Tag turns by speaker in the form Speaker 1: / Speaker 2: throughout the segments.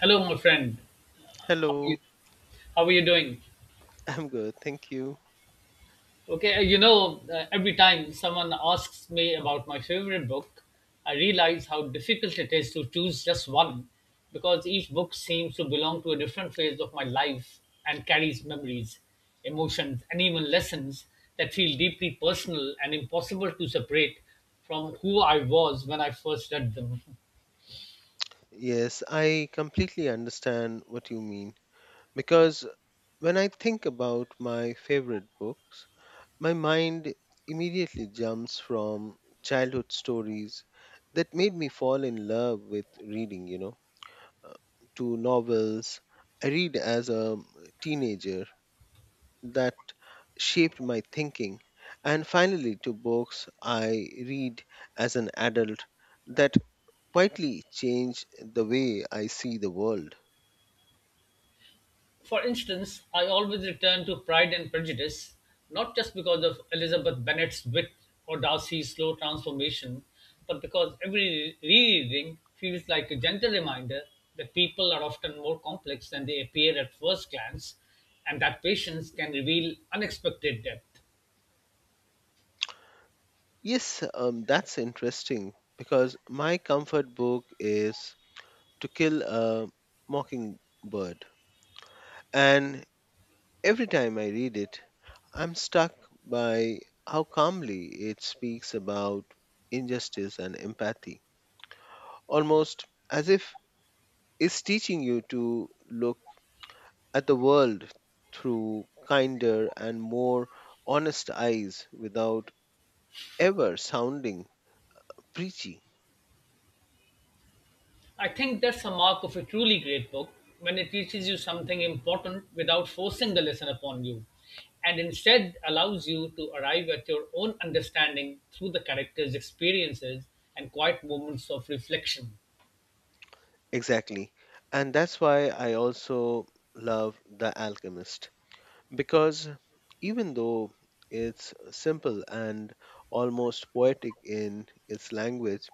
Speaker 1: Hello, my friend. How are you,
Speaker 2: Hello,
Speaker 1: how are you doing?
Speaker 2: I'm good, thank you.
Speaker 1: Okay, every time someone asks me about my favorite book, I realize how difficult it is to choose just one because each book seems to belong to a different phase of my life and carries memories, emotions, and even lessons that feel deeply personal and impossible to separate from who I was when I first read them.
Speaker 2: Yes, I completely understand what you mean because when I think about my favorite books, my mind immediately jumps from childhood stories that made me fall in love with reading, uh, to novels I read as a teenager that shaped my thinking, and finally to books I read as an adult that quietly changed the way I see the world.
Speaker 1: For instance, I always return to Pride and Prejudice, not just because of Elizabeth Bennet's wit or Darcy's slow transformation, but because every rereading feels like a gentle reminder that people are often more complex than they appear at first glance, and that patience can reveal unexpected depth.
Speaker 2: Yes, that's interesting because my comfort book is To Kill a Mockingbird. And every time I read it, I'm struck by how calmly it speaks about injustice and empathy, almost as if it's teaching you to look at the world through kinder and more honest eyes without ever sounding preachy.
Speaker 1: I think that's a mark of a truly great book when it teaches you something important without forcing the lesson upon you and instead allows you to arrive at your own understanding through the characters' experiences and quiet moments of reflection.
Speaker 2: Exactly. And that's why I also love the alchemist because, even though it's simple and almost poetic in its language,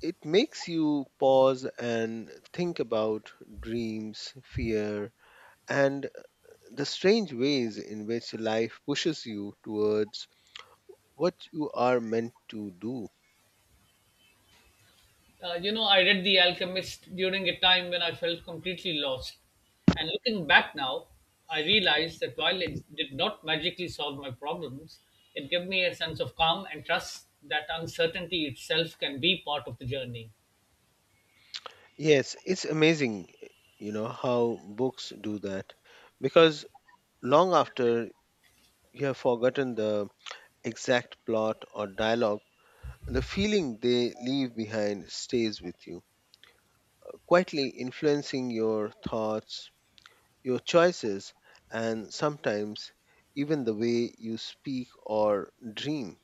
Speaker 2: it makes you pause and think about dreams, fear, and the strange ways in which life pushes you towards what you are meant to do.
Speaker 1: I read The Alchemist during a time when I felt completely lost. And looking back now, I realized that while it did not magically solve my problems, it gave me a sense of calm and trust that uncertainty itself can be part of the journey.
Speaker 2: Yes, it's amazing. You know how books do that, because long after you have forgotten the exact plot or dialogue, the feeling they leave behind stays with you, quietly influencing your thoughts, your choices, and sometimes even the way you speak or dream.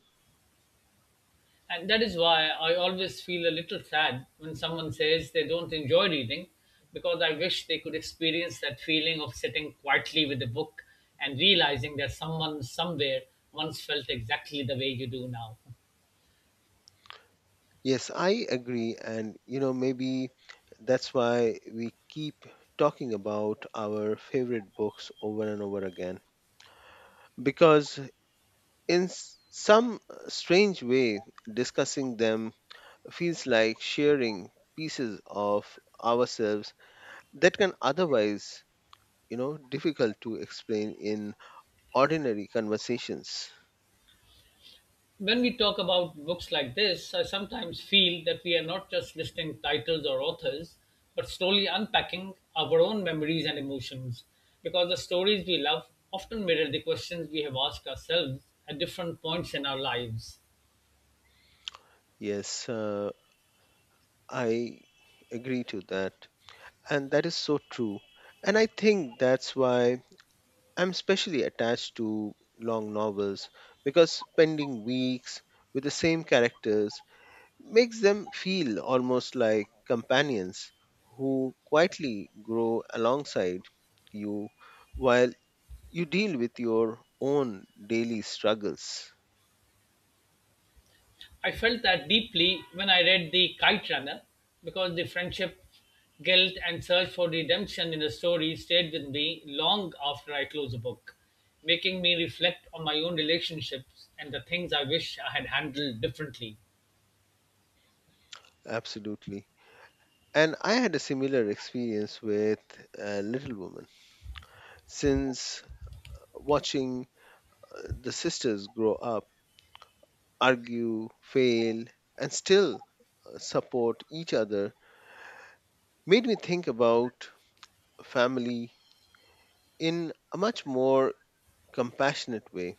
Speaker 1: And that is why I always feel a little sad when someone says they don't enjoy reading, because I wish they could experience that feeling of sitting quietly with a book and realizing that someone somewhere once felt exactly the way you do now.
Speaker 2: Yes, I agree. And maybe that's why we keep talking about our favorite books over and over again because in some strange way discussing them feels like sharing pieces of ourselves that can otherwise difficult to explain in ordinary conversations.
Speaker 1: When we talk about books like this, I sometimes feel that we are not just listing titles or authors, but slowly unpacking our own memories and emotions, because the stories we love often mirror the questions we have asked ourselves at different points in our lives.
Speaker 2: Yes, I agree to that. And that is so true. And I think that's why I'm especially attached to long novels because spending weeks with the same characters makes them feel almost like companions who quietly grow alongside you while you deal with your own daily struggles.
Speaker 1: I felt that deeply when I read The Kite Runner because the friendship, guilt, and search for redemption in the story stayed with me long after I closed the book, making me reflect on my own relationships and the things I wish I had handled differently.
Speaker 2: Absolutely. And I had a similar experience with a little woman since watching the sisters grow up, argue, fail, and still support each other, made me think about family in a much more compassionate way,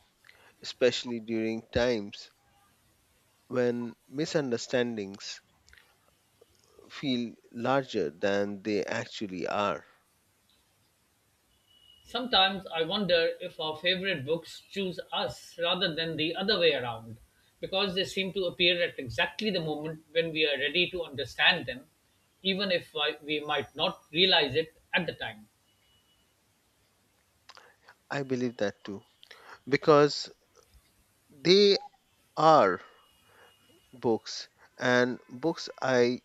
Speaker 2: especially during times when misunderstandings feel larger than they actually are.
Speaker 1: Sometimes I wonder if our favorite books choose us rather than the other way around because they seem to appear at exactly the moment when we are ready to understand them, even if we might not realize it at the time.
Speaker 2: I believe that too, because they are books, and books I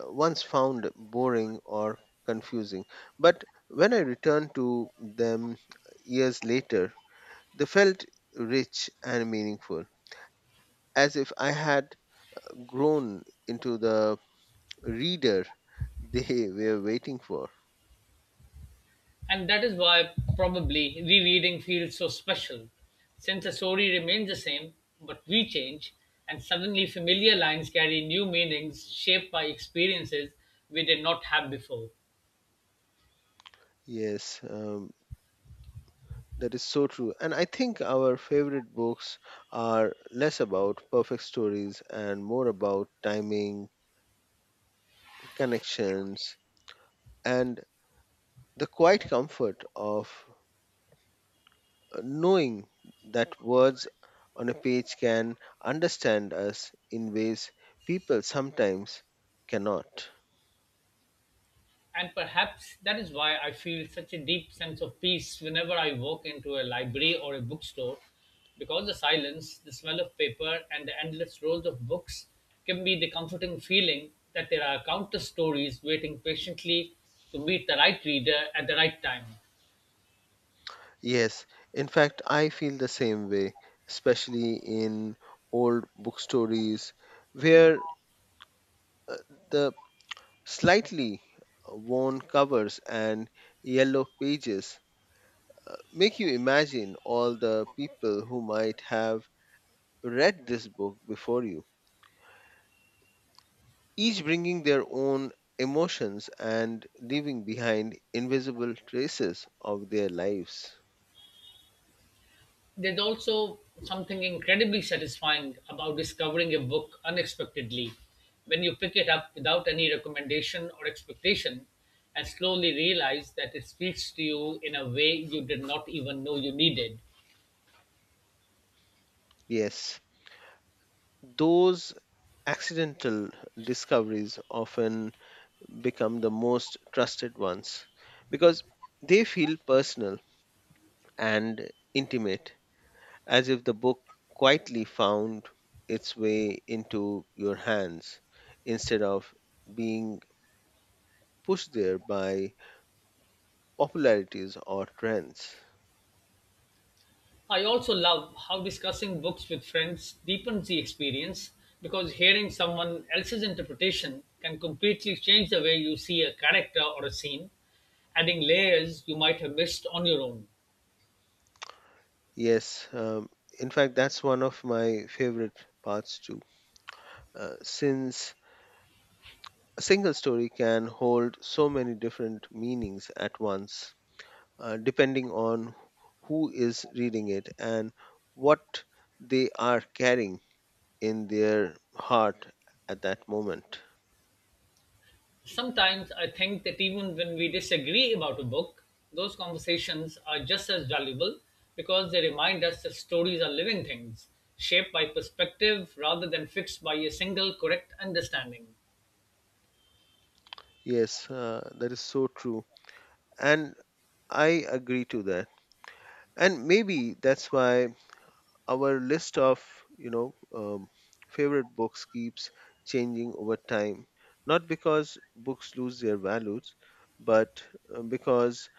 Speaker 2: once found boring or confusing. But when I returned to them years later, they felt rich and meaningful, as if I had grown into the reader they were waiting for.
Speaker 1: And that is why, probably, rereading feels so special, since the story remains the same, but we change, and suddenly familiar lines carry new meanings shaped by experiences we did not have before.
Speaker 2: Yes, that is so true. And I think our favorite books are less about perfect stories and more about timing, connections, and the quiet comfort of knowing that words on a page can understand us in ways people sometimes cannot.
Speaker 1: And perhaps that is why I feel such a deep sense of peace whenever I walk into a library or a bookstore, because the silence, the smell of paper, and the endless rows of books give me the comforting feeling that there are countless stories waiting patiently to meet the right reader at the right time.
Speaker 2: Yes, in fact, I feel the same way, especially in old book stories where uh, the slightly worn covers and yellow pages make you imagine all the people who might have read this book before you, each bringing their own emotions and leaving behind invisible traces of their lives.
Speaker 1: There's also something incredibly satisfying about discovering a book unexpectedly when you pick it up without any recommendation or expectation and slowly realize that it speaks to you in a way you did not even know you needed.
Speaker 2: Yes, those accidental discoveries often become the most trusted ones because they feel personal and intimate, as if the book quietly found its way into your hands instead of being pushed there by popularities or trends.
Speaker 1: I also love how discussing books with friends deepens the experience because hearing someone else's interpretation can completely change the way you see a character or a scene, adding layers you might have missed on your own.
Speaker 2: Yes, in fact, that's one of my favorite parts too, since a single story can hold so many different meanings at once, depending on who is reading it and what they are carrying in their heart at that moment.
Speaker 1: Sometimes I think that even when we disagree about a book, those conversations are just as valuable because they remind us that stories are living things, shaped by perspective rather than fixed by a single correct understanding.
Speaker 2: Yes, that is so true. And I agree to that. And maybe that's why our list of, you know, um, favorite books keeps changing over time. Not because books lose their values, but because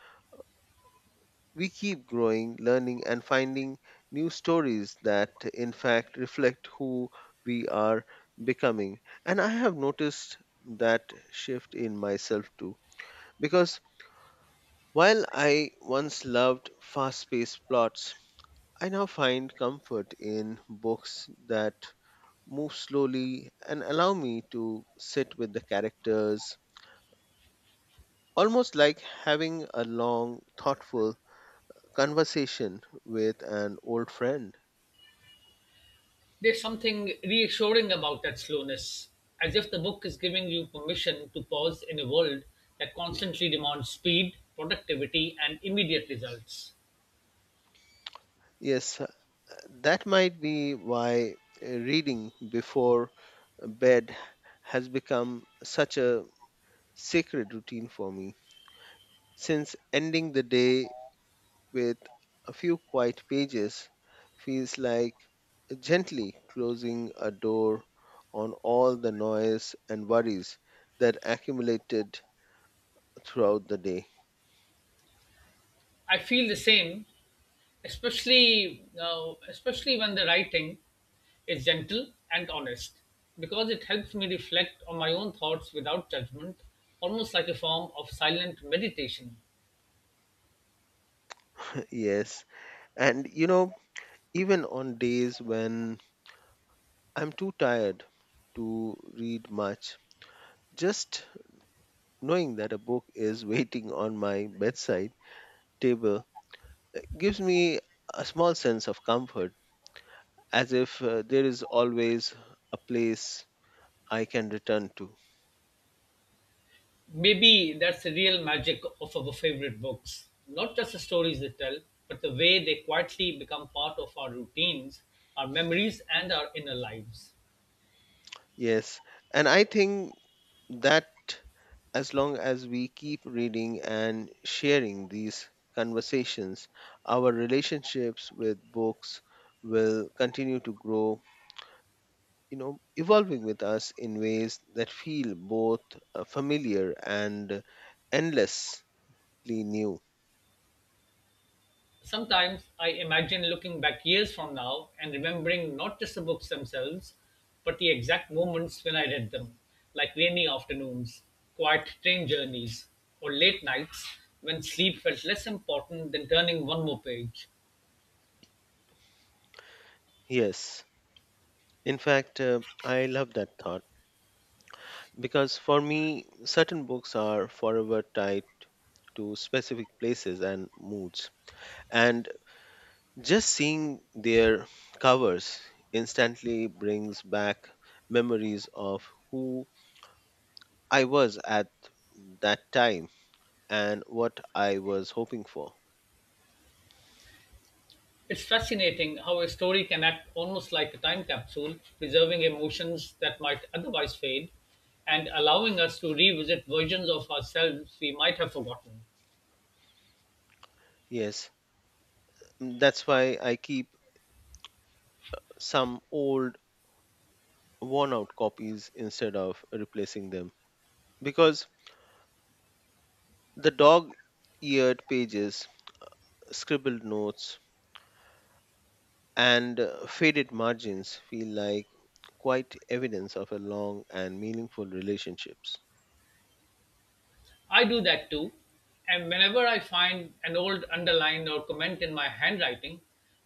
Speaker 2: we keep growing, learning, and finding new stories that, in fact, reflect who we are becoming. And I have noticed that shift in myself too, because while I once loved fast paced plots, I now find comfort in books that move slowly and allow me to sit with the characters, almost like having a long, thoughtful conversation with an old friend.
Speaker 1: There's something reassuring about that slowness, as if the book is giving you permission to pause in a world that constantly demands speed, productivity, and immediate results.
Speaker 2: Yes, that might be why reading before bed has become such a sacred routine for me. Since ending the day with a few quiet pages feels like gently closing a door on all the noise and worries that accumulated throughout the day.
Speaker 1: I feel the same especially when the writing is gentle and honest because it helps me reflect on my own thoughts without judgment, almost like a form of silent meditation.
Speaker 2: Yes, and even on days when I'm too tired to read much, just knowing that a book is waiting on my bedside table gives me a small sense of comfort, as if there is always a place I can return to.
Speaker 1: Maybe that's the real magic of our favorite books, not just the stories they tell, but the way they quietly become part of our routines, our memories, and our inner lives.
Speaker 2: Yes. And I think that as long as we keep reading and sharing these conversations, our relationships with books will continue to grow, evolving with us in ways that feel both familiar and endlessly new.
Speaker 1: Sometimes I imagine looking back years from now and remembering not just the books themselves, but the exact moments when I read them, like rainy afternoons, quiet train journeys, or late nights when sleep felt less important than turning one more page.
Speaker 2: Yes. In fact, I love that thought because for me, certain books are forever tied to specific places and moods. And just seeing their covers instantly brings back memories of who I was at that time and what I was hoping for.
Speaker 1: It's fascinating how a story can act almost like a time capsule, preserving emotions that might otherwise fade and allowing us to revisit versions of ourselves we might have forgotten.
Speaker 2: Yes, that's why I keep some old, worn out copies instead of replacing them because the dog eared pages, scribbled notes, and faded margins feel like quite evidence of a long and meaningful relationships.
Speaker 1: I do that too. And whenever I find an old underline or comment in my handwriting,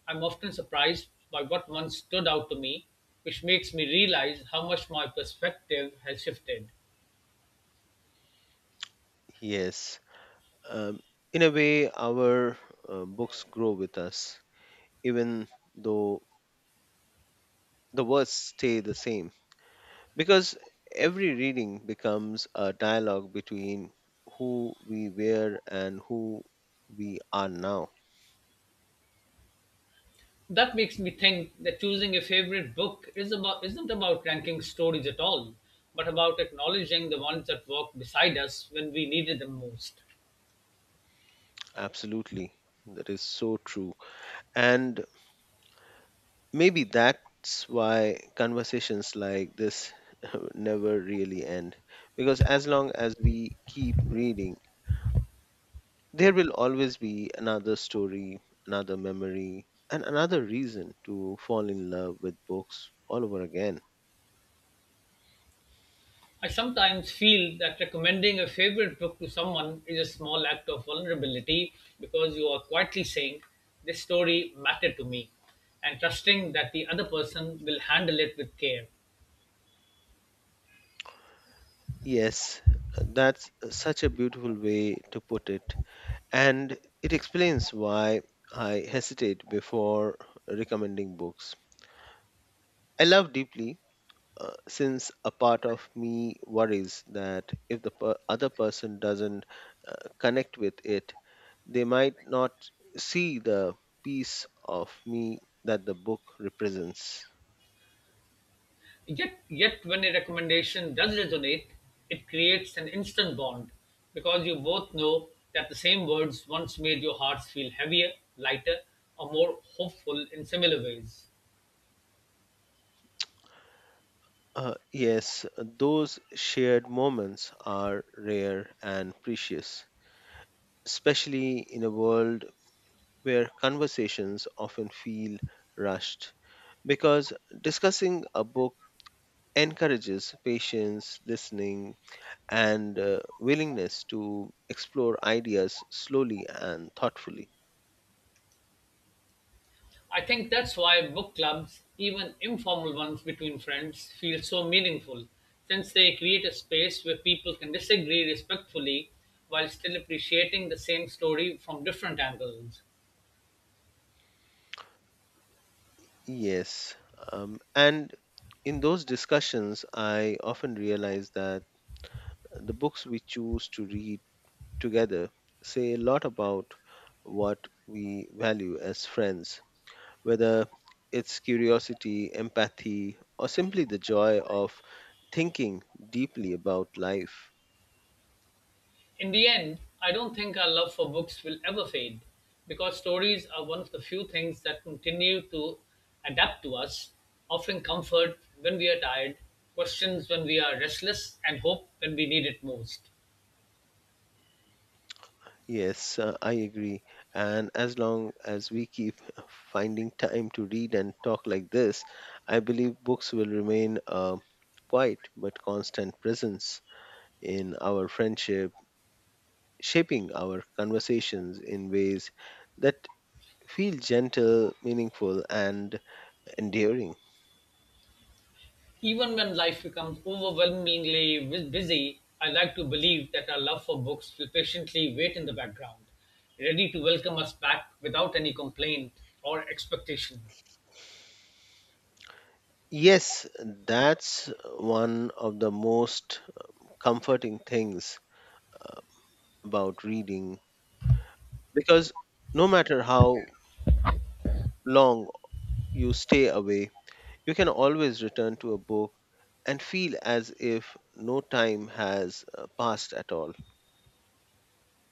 Speaker 1: I'm often surprised by what once stood out to me, which makes me realize how much my perspective has shifted.
Speaker 2: Yes, um, in a way our books grow with us, even though the words stay the same, because every reading becomes a dialogue between who we were and who we are now.
Speaker 1: That makes me think that choosing a favorite book is about, isn't about ranking stories at all, but about acknowledging the ones that walked beside us when we needed them most.
Speaker 2: Absolutely. That is so true. And maybe that's why conversations like this never really end. Because as long as we keep reading, there will always be another story, another memory, and another reason to fall in love with books all over again.
Speaker 1: I sometimes feel that recommending a favorite book to someone is a small act of vulnerability because you are quietly saying, "This story mattered to me," and trusting that the other person will handle it with care.
Speaker 2: Yes, that's such a beautiful way to put it. And it explains why I hesitate before recommending books I love deeply, since a part of me worries that if the other person doesn't uh, connect with it, they might not see the piece of me that the book represents.
Speaker 1: Yet, yet when a recommendation does resonate, it creates an instant bond because you both know that the same words once made your hearts feel heavier, lighter, or more hopeful in similar ways.
Speaker 2: Yes, those shared moments are rare and precious, especially in a world where conversations often feel rushed. Because discussing a book encourages patience, listening, and willingness to explore ideas slowly and thoughtfully.
Speaker 1: I think that's why book clubs, even informal ones between friends, feel so meaningful, since they create a space where people can disagree respectfully while still appreciating the same story from different angles.
Speaker 2: Yes. And in those discussions, I often realize that the books we choose to read together say a lot about what we value as friends, whether it's curiosity, empathy, or simply the joy of thinking deeply about life.
Speaker 1: In the end, I don't think our love for books will ever fade, because stories are one of the few things that continue to adapt to us, offering comfort when we are tired, questions when we are restless, and hope when we need it most.
Speaker 2: Yes, I agree. And as long as we keep finding time to read and talk like this, I believe books will remain a quiet but constant presence in our friendship, shaping our conversations in ways that feel gentle, meaningful, and endearing.
Speaker 1: Even when life becomes overwhelmingly busy, I like to believe that our love for books will patiently wait in the background, ready to welcome us back without any complaint or expectation.
Speaker 2: Yes, that's one of the most comforting things about reading because no matter how long you stay away, you can always return to a book and feel as if no time has passed at all.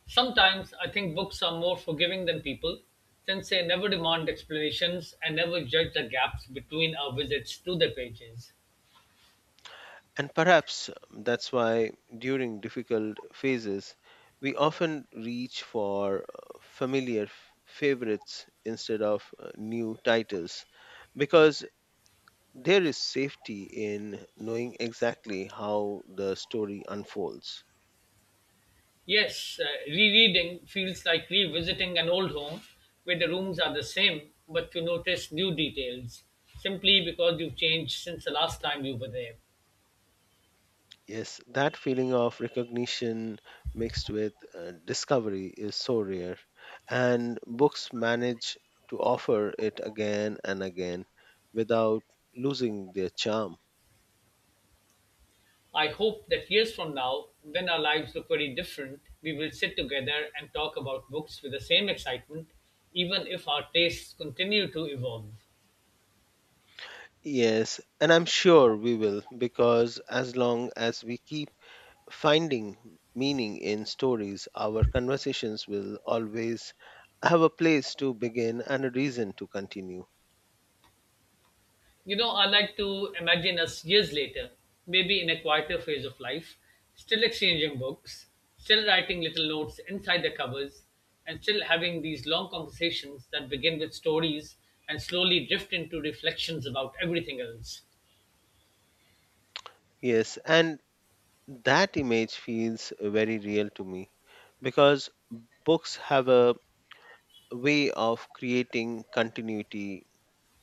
Speaker 1: Sometimes I think books are more forgiving than people, since they never demand explanations and never judge the gaps between our visits to their pages.
Speaker 2: And perhaps that's why during difficult phases, we often reach for familiar favorites instead of new titles, because there is safety in knowing exactly how the story unfolds.
Speaker 1: Yes, rereading feels like revisiting an old home where the rooms are the same, but you notice new details simply because you've changed since the last time you were there.
Speaker 2: Yes, that feeling of recognition mixed with discovery is so rare, and books manage to offer it again and again without losing their charm.
Speaker 1: I hope that years from now, when our lives look very different, we will sit together and talk about books with the same excitement, even if our tastes continue to evolve.
Speaker 2: Yes, and I'm sure we will, because as long as we keep finding meaning in stories, our conversations will always have a place to begin and a reason to continue.
Speaker 1: You know, I like to imagine us years later, maybe in a quieter phase of life, still exchanging books, still writing little notes inside the covers, and still having these long conversations that begin with stories and slowly drift into reflections about everything else.
Speaker 2: Yes, and that image feels very real to me because books have a way of creating continuity,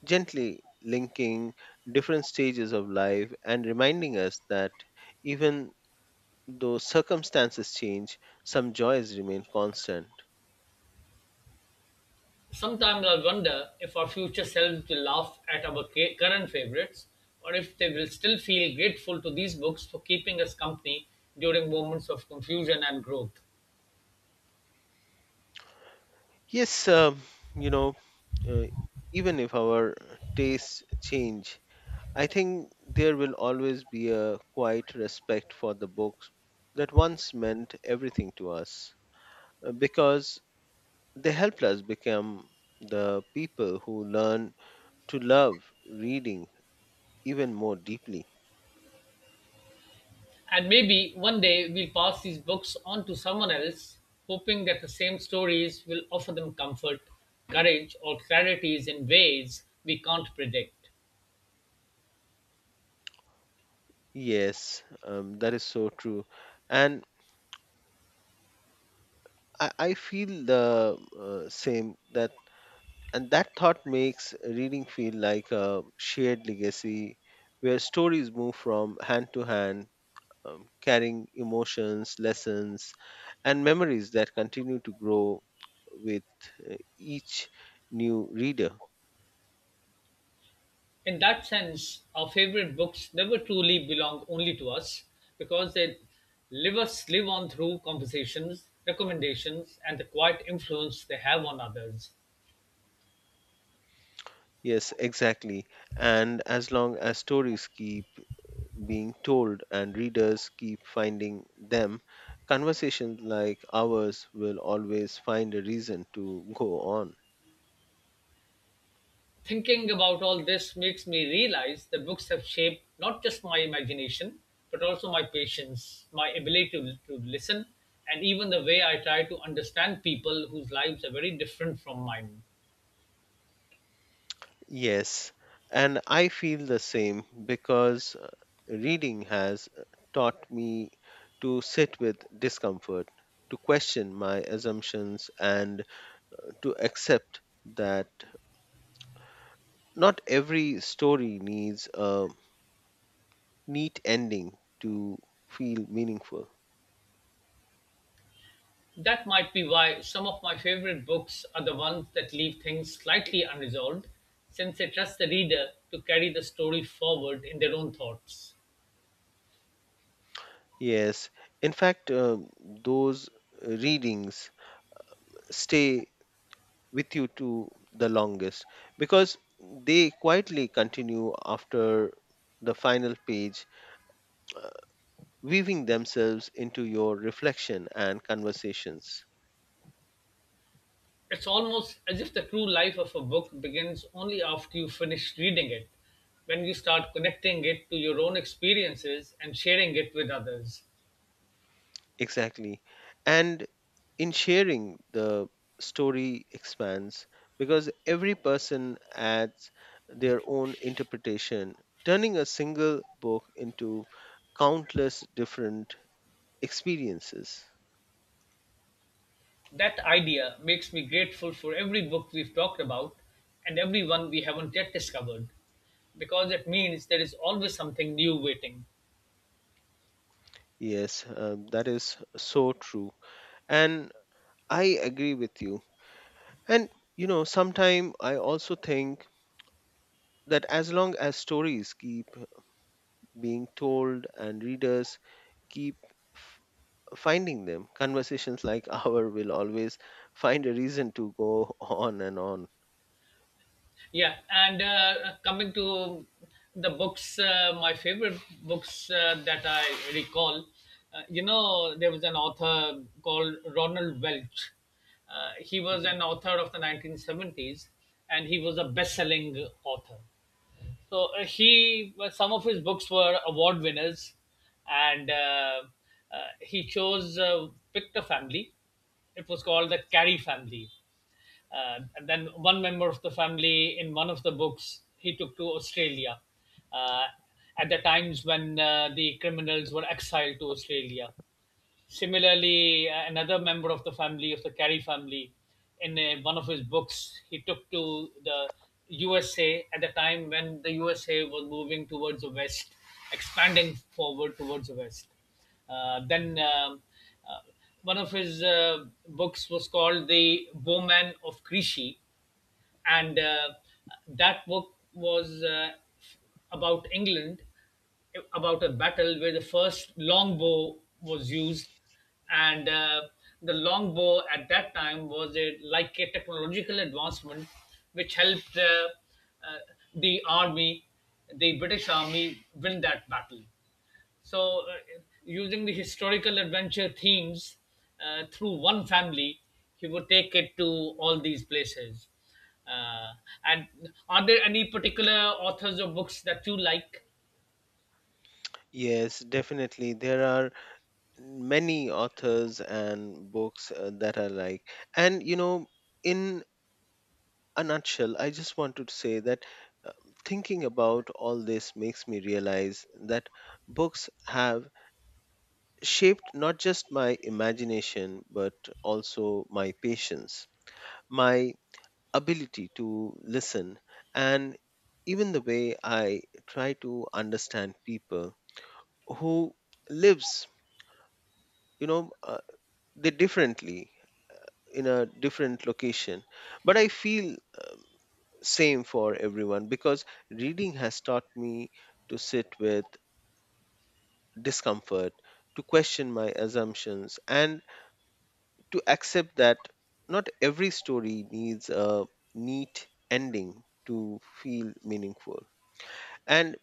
Speaker 2: gently linking different stages of life and reminding us that even though circumstances change, some joys remain constant.
Speaker 1: Sometimes I wonder if our future selves will laugh at our current favorites or if they will still feel grateful to these books for keeping us company during moments of confusion and growth.
Speaker 2: Yes, you know, uh, even if our tastes change, I think there will always be a quiet respect for the books that once meant everything to us, because they helped us become the people who learn to love reading even more deeply.
Speaker 1: And maybe one day we'll pass these books on to someone else, hoping that the same stories will offer them comfort, courage, or clarities in ways we can't predict.
Speaker 2: Yes, that is so true. And I feel the same that, and that thought makes reading feel like a shared legacy where stories move from hand to hand, carrying emotions, lessons, and memories that continue to grow with each new reader.
Speaker 1: In that sense, our favorite books never truly belong only to us because they live us live on through conversations, recommendations, and the quiet influence they have on others.
Speaker 2: Yes, exactly. And as long as stories keep being told and readers keep finding them, conversations like ours will always find a reason to go on.
Speaker 1: Thinking about all this makes me realize that books have shaped not just my imagination, but also my patience, my ability to listen, and even the way I try to understand people whose lives are very different from mine.
Speaker 2: Yes, and I feel the same because reading has taught me to sit with discomfort, to question my assumptions, and to accept that not every story needs a neat ending to feel meaningful.
Speaker 1: That might be why some of my favorite books are the ones that leave things slightly unresolved, since they trust the reader to carry the story forward in their own thoughts.
Speaker 2: Yes, in fact, those readings stay with you to the longest because they quietly continue after the final page, uh, weaving themselves into your reflection and conversations.
Speaker 1: It's almost as if the true life of a book begins only after you finish reading it, when you start connecting it to your own experiences and sharing it with others.
Speaker 2: Exactly. And in sharing, the story expands because every person adds their own interpretation, turning a single book into countless different experiences.
Speaker 1: That idea makes me grateful for every book we've talked about and every one we haven't yet discovered, because it means there is always something new waiting.
Speaker 2: Yes, that is so true. And I agree with you. And sometime I also think that as long as stories keep being told and readers keep f- finding them, conversations like our will always find a reason to go on and on.
Speaker 1: Yeah, and coming to the books, my favorite books that I recall, there was an author called Ronald Welch. He was
Speaker 2: Mhm.
Speaker 1: an author of the 1970s, and he was a best selling author. So he, some of his books were award winners, and he chose picked a family. It was called the Carey family, and then one member of the family in one of the books he took to Australia Uh, at the times when the criminals were exiled to Australia. Similarly, another member of the family, of the Carey family, in one of his books, he took to the USA at the time when the USA was moving towards the West, expanding forward towards the West. Then uh, one of his books was called The Bowman of Krishi, and that book was about England, about a battle where the first longbow was used, and the longbow at that time was a like a technological advancement which helped uh, the army, the British army, win that battle. So, using the historical adventure themes through one family, he would take it to all these places. Uh, and are there any particular authors or books that you like?
Speaker 2: Yes, definitely. There are many authors and books that are like, and in a nutshell, I just wanted to say that uh, thinking about all this makes me realize that books have shaped not just my imagination, but also my patience, my ability to listen, and even the way I try to understand people who lives, you know, uh, they differently in a different location. But I feel same for everyone because reading has taught me to sit with discomfort, to question my assumptions, and to accept that not every story needs a neat ending to feel meaningful. And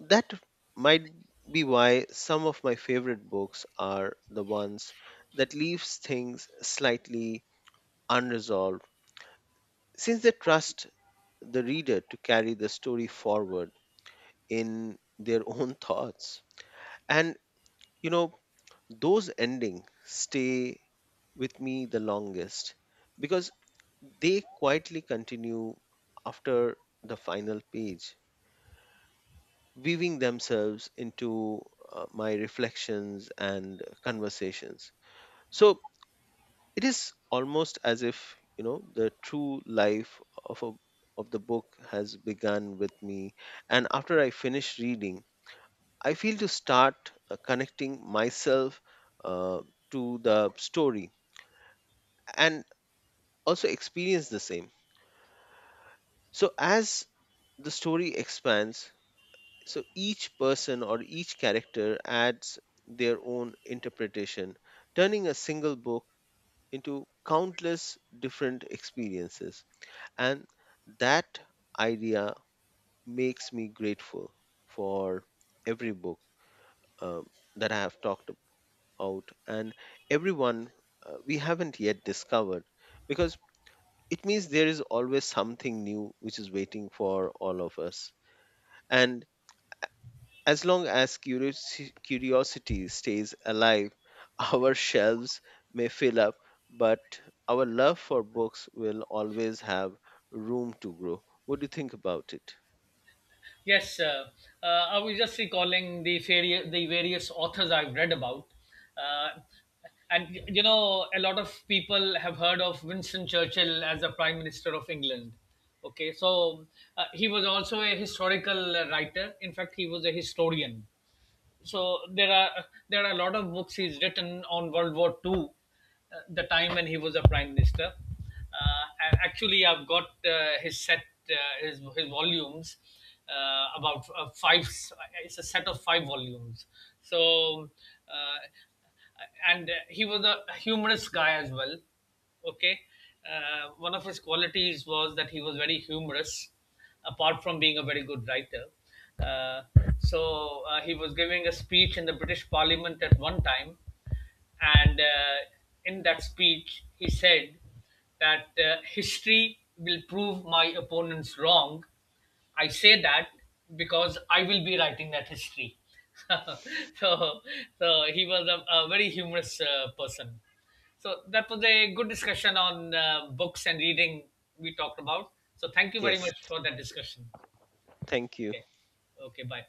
Speaker 2: that might be why some of my favorite books are the ones that leaves things slightly unresolved, since they trust the reader to carry the story forward in their own thoughts. And, you know, those endings stay with me the longest because they quietly continue after the final page, weaving themselves into my reflections and conversations. So it is almost as if the true life of a of the book has begun with me, and after I finish reading I feel to start connecting myself uh, to the story and also experience the same. So, as the story expands, so each person or each character adds their own interpretation, turning a single book into countless different experiences. And that idea makes me grateful for every book um, that I have talked about, out, and everyone we haven't yet discovered, because it means there is always something new which is waiting for all of us. And as long as curiosity stays alive, our shelves may fill up, but our love for books will always have room to grow. What do you think about it?
Speaker 1: Yes, I was just recalling the various authors I've read about, uh, and a lot of people have heard of Winston Churchill as the Prime Minister of England. Okay, so he was also a historical writer. In fact, he was a historian, so there are a lot of books he's written on World War II, the time when he was a prime minister. And actually, I've got his set, uh, his volumes, about five. It's a set of five volumes. So, uh, and he was a humorous guy as well. Okay. One of his qualities was that he was very humorous, apart from being a very good writer. Uh, so he was giving a speech in the British Parliament at one time, and in that speech, he said that history will prove my opponents wrong. I say that because I will be writing that history. So, so he was a very humorous person. So that was a good discussion on books and reading we talked about. So thank you very
Speaker 2: Yes,
Speaker 1: much for that discussion.
Speaker 2: thank you.
Speaker 1: Okay. Okay. Bye.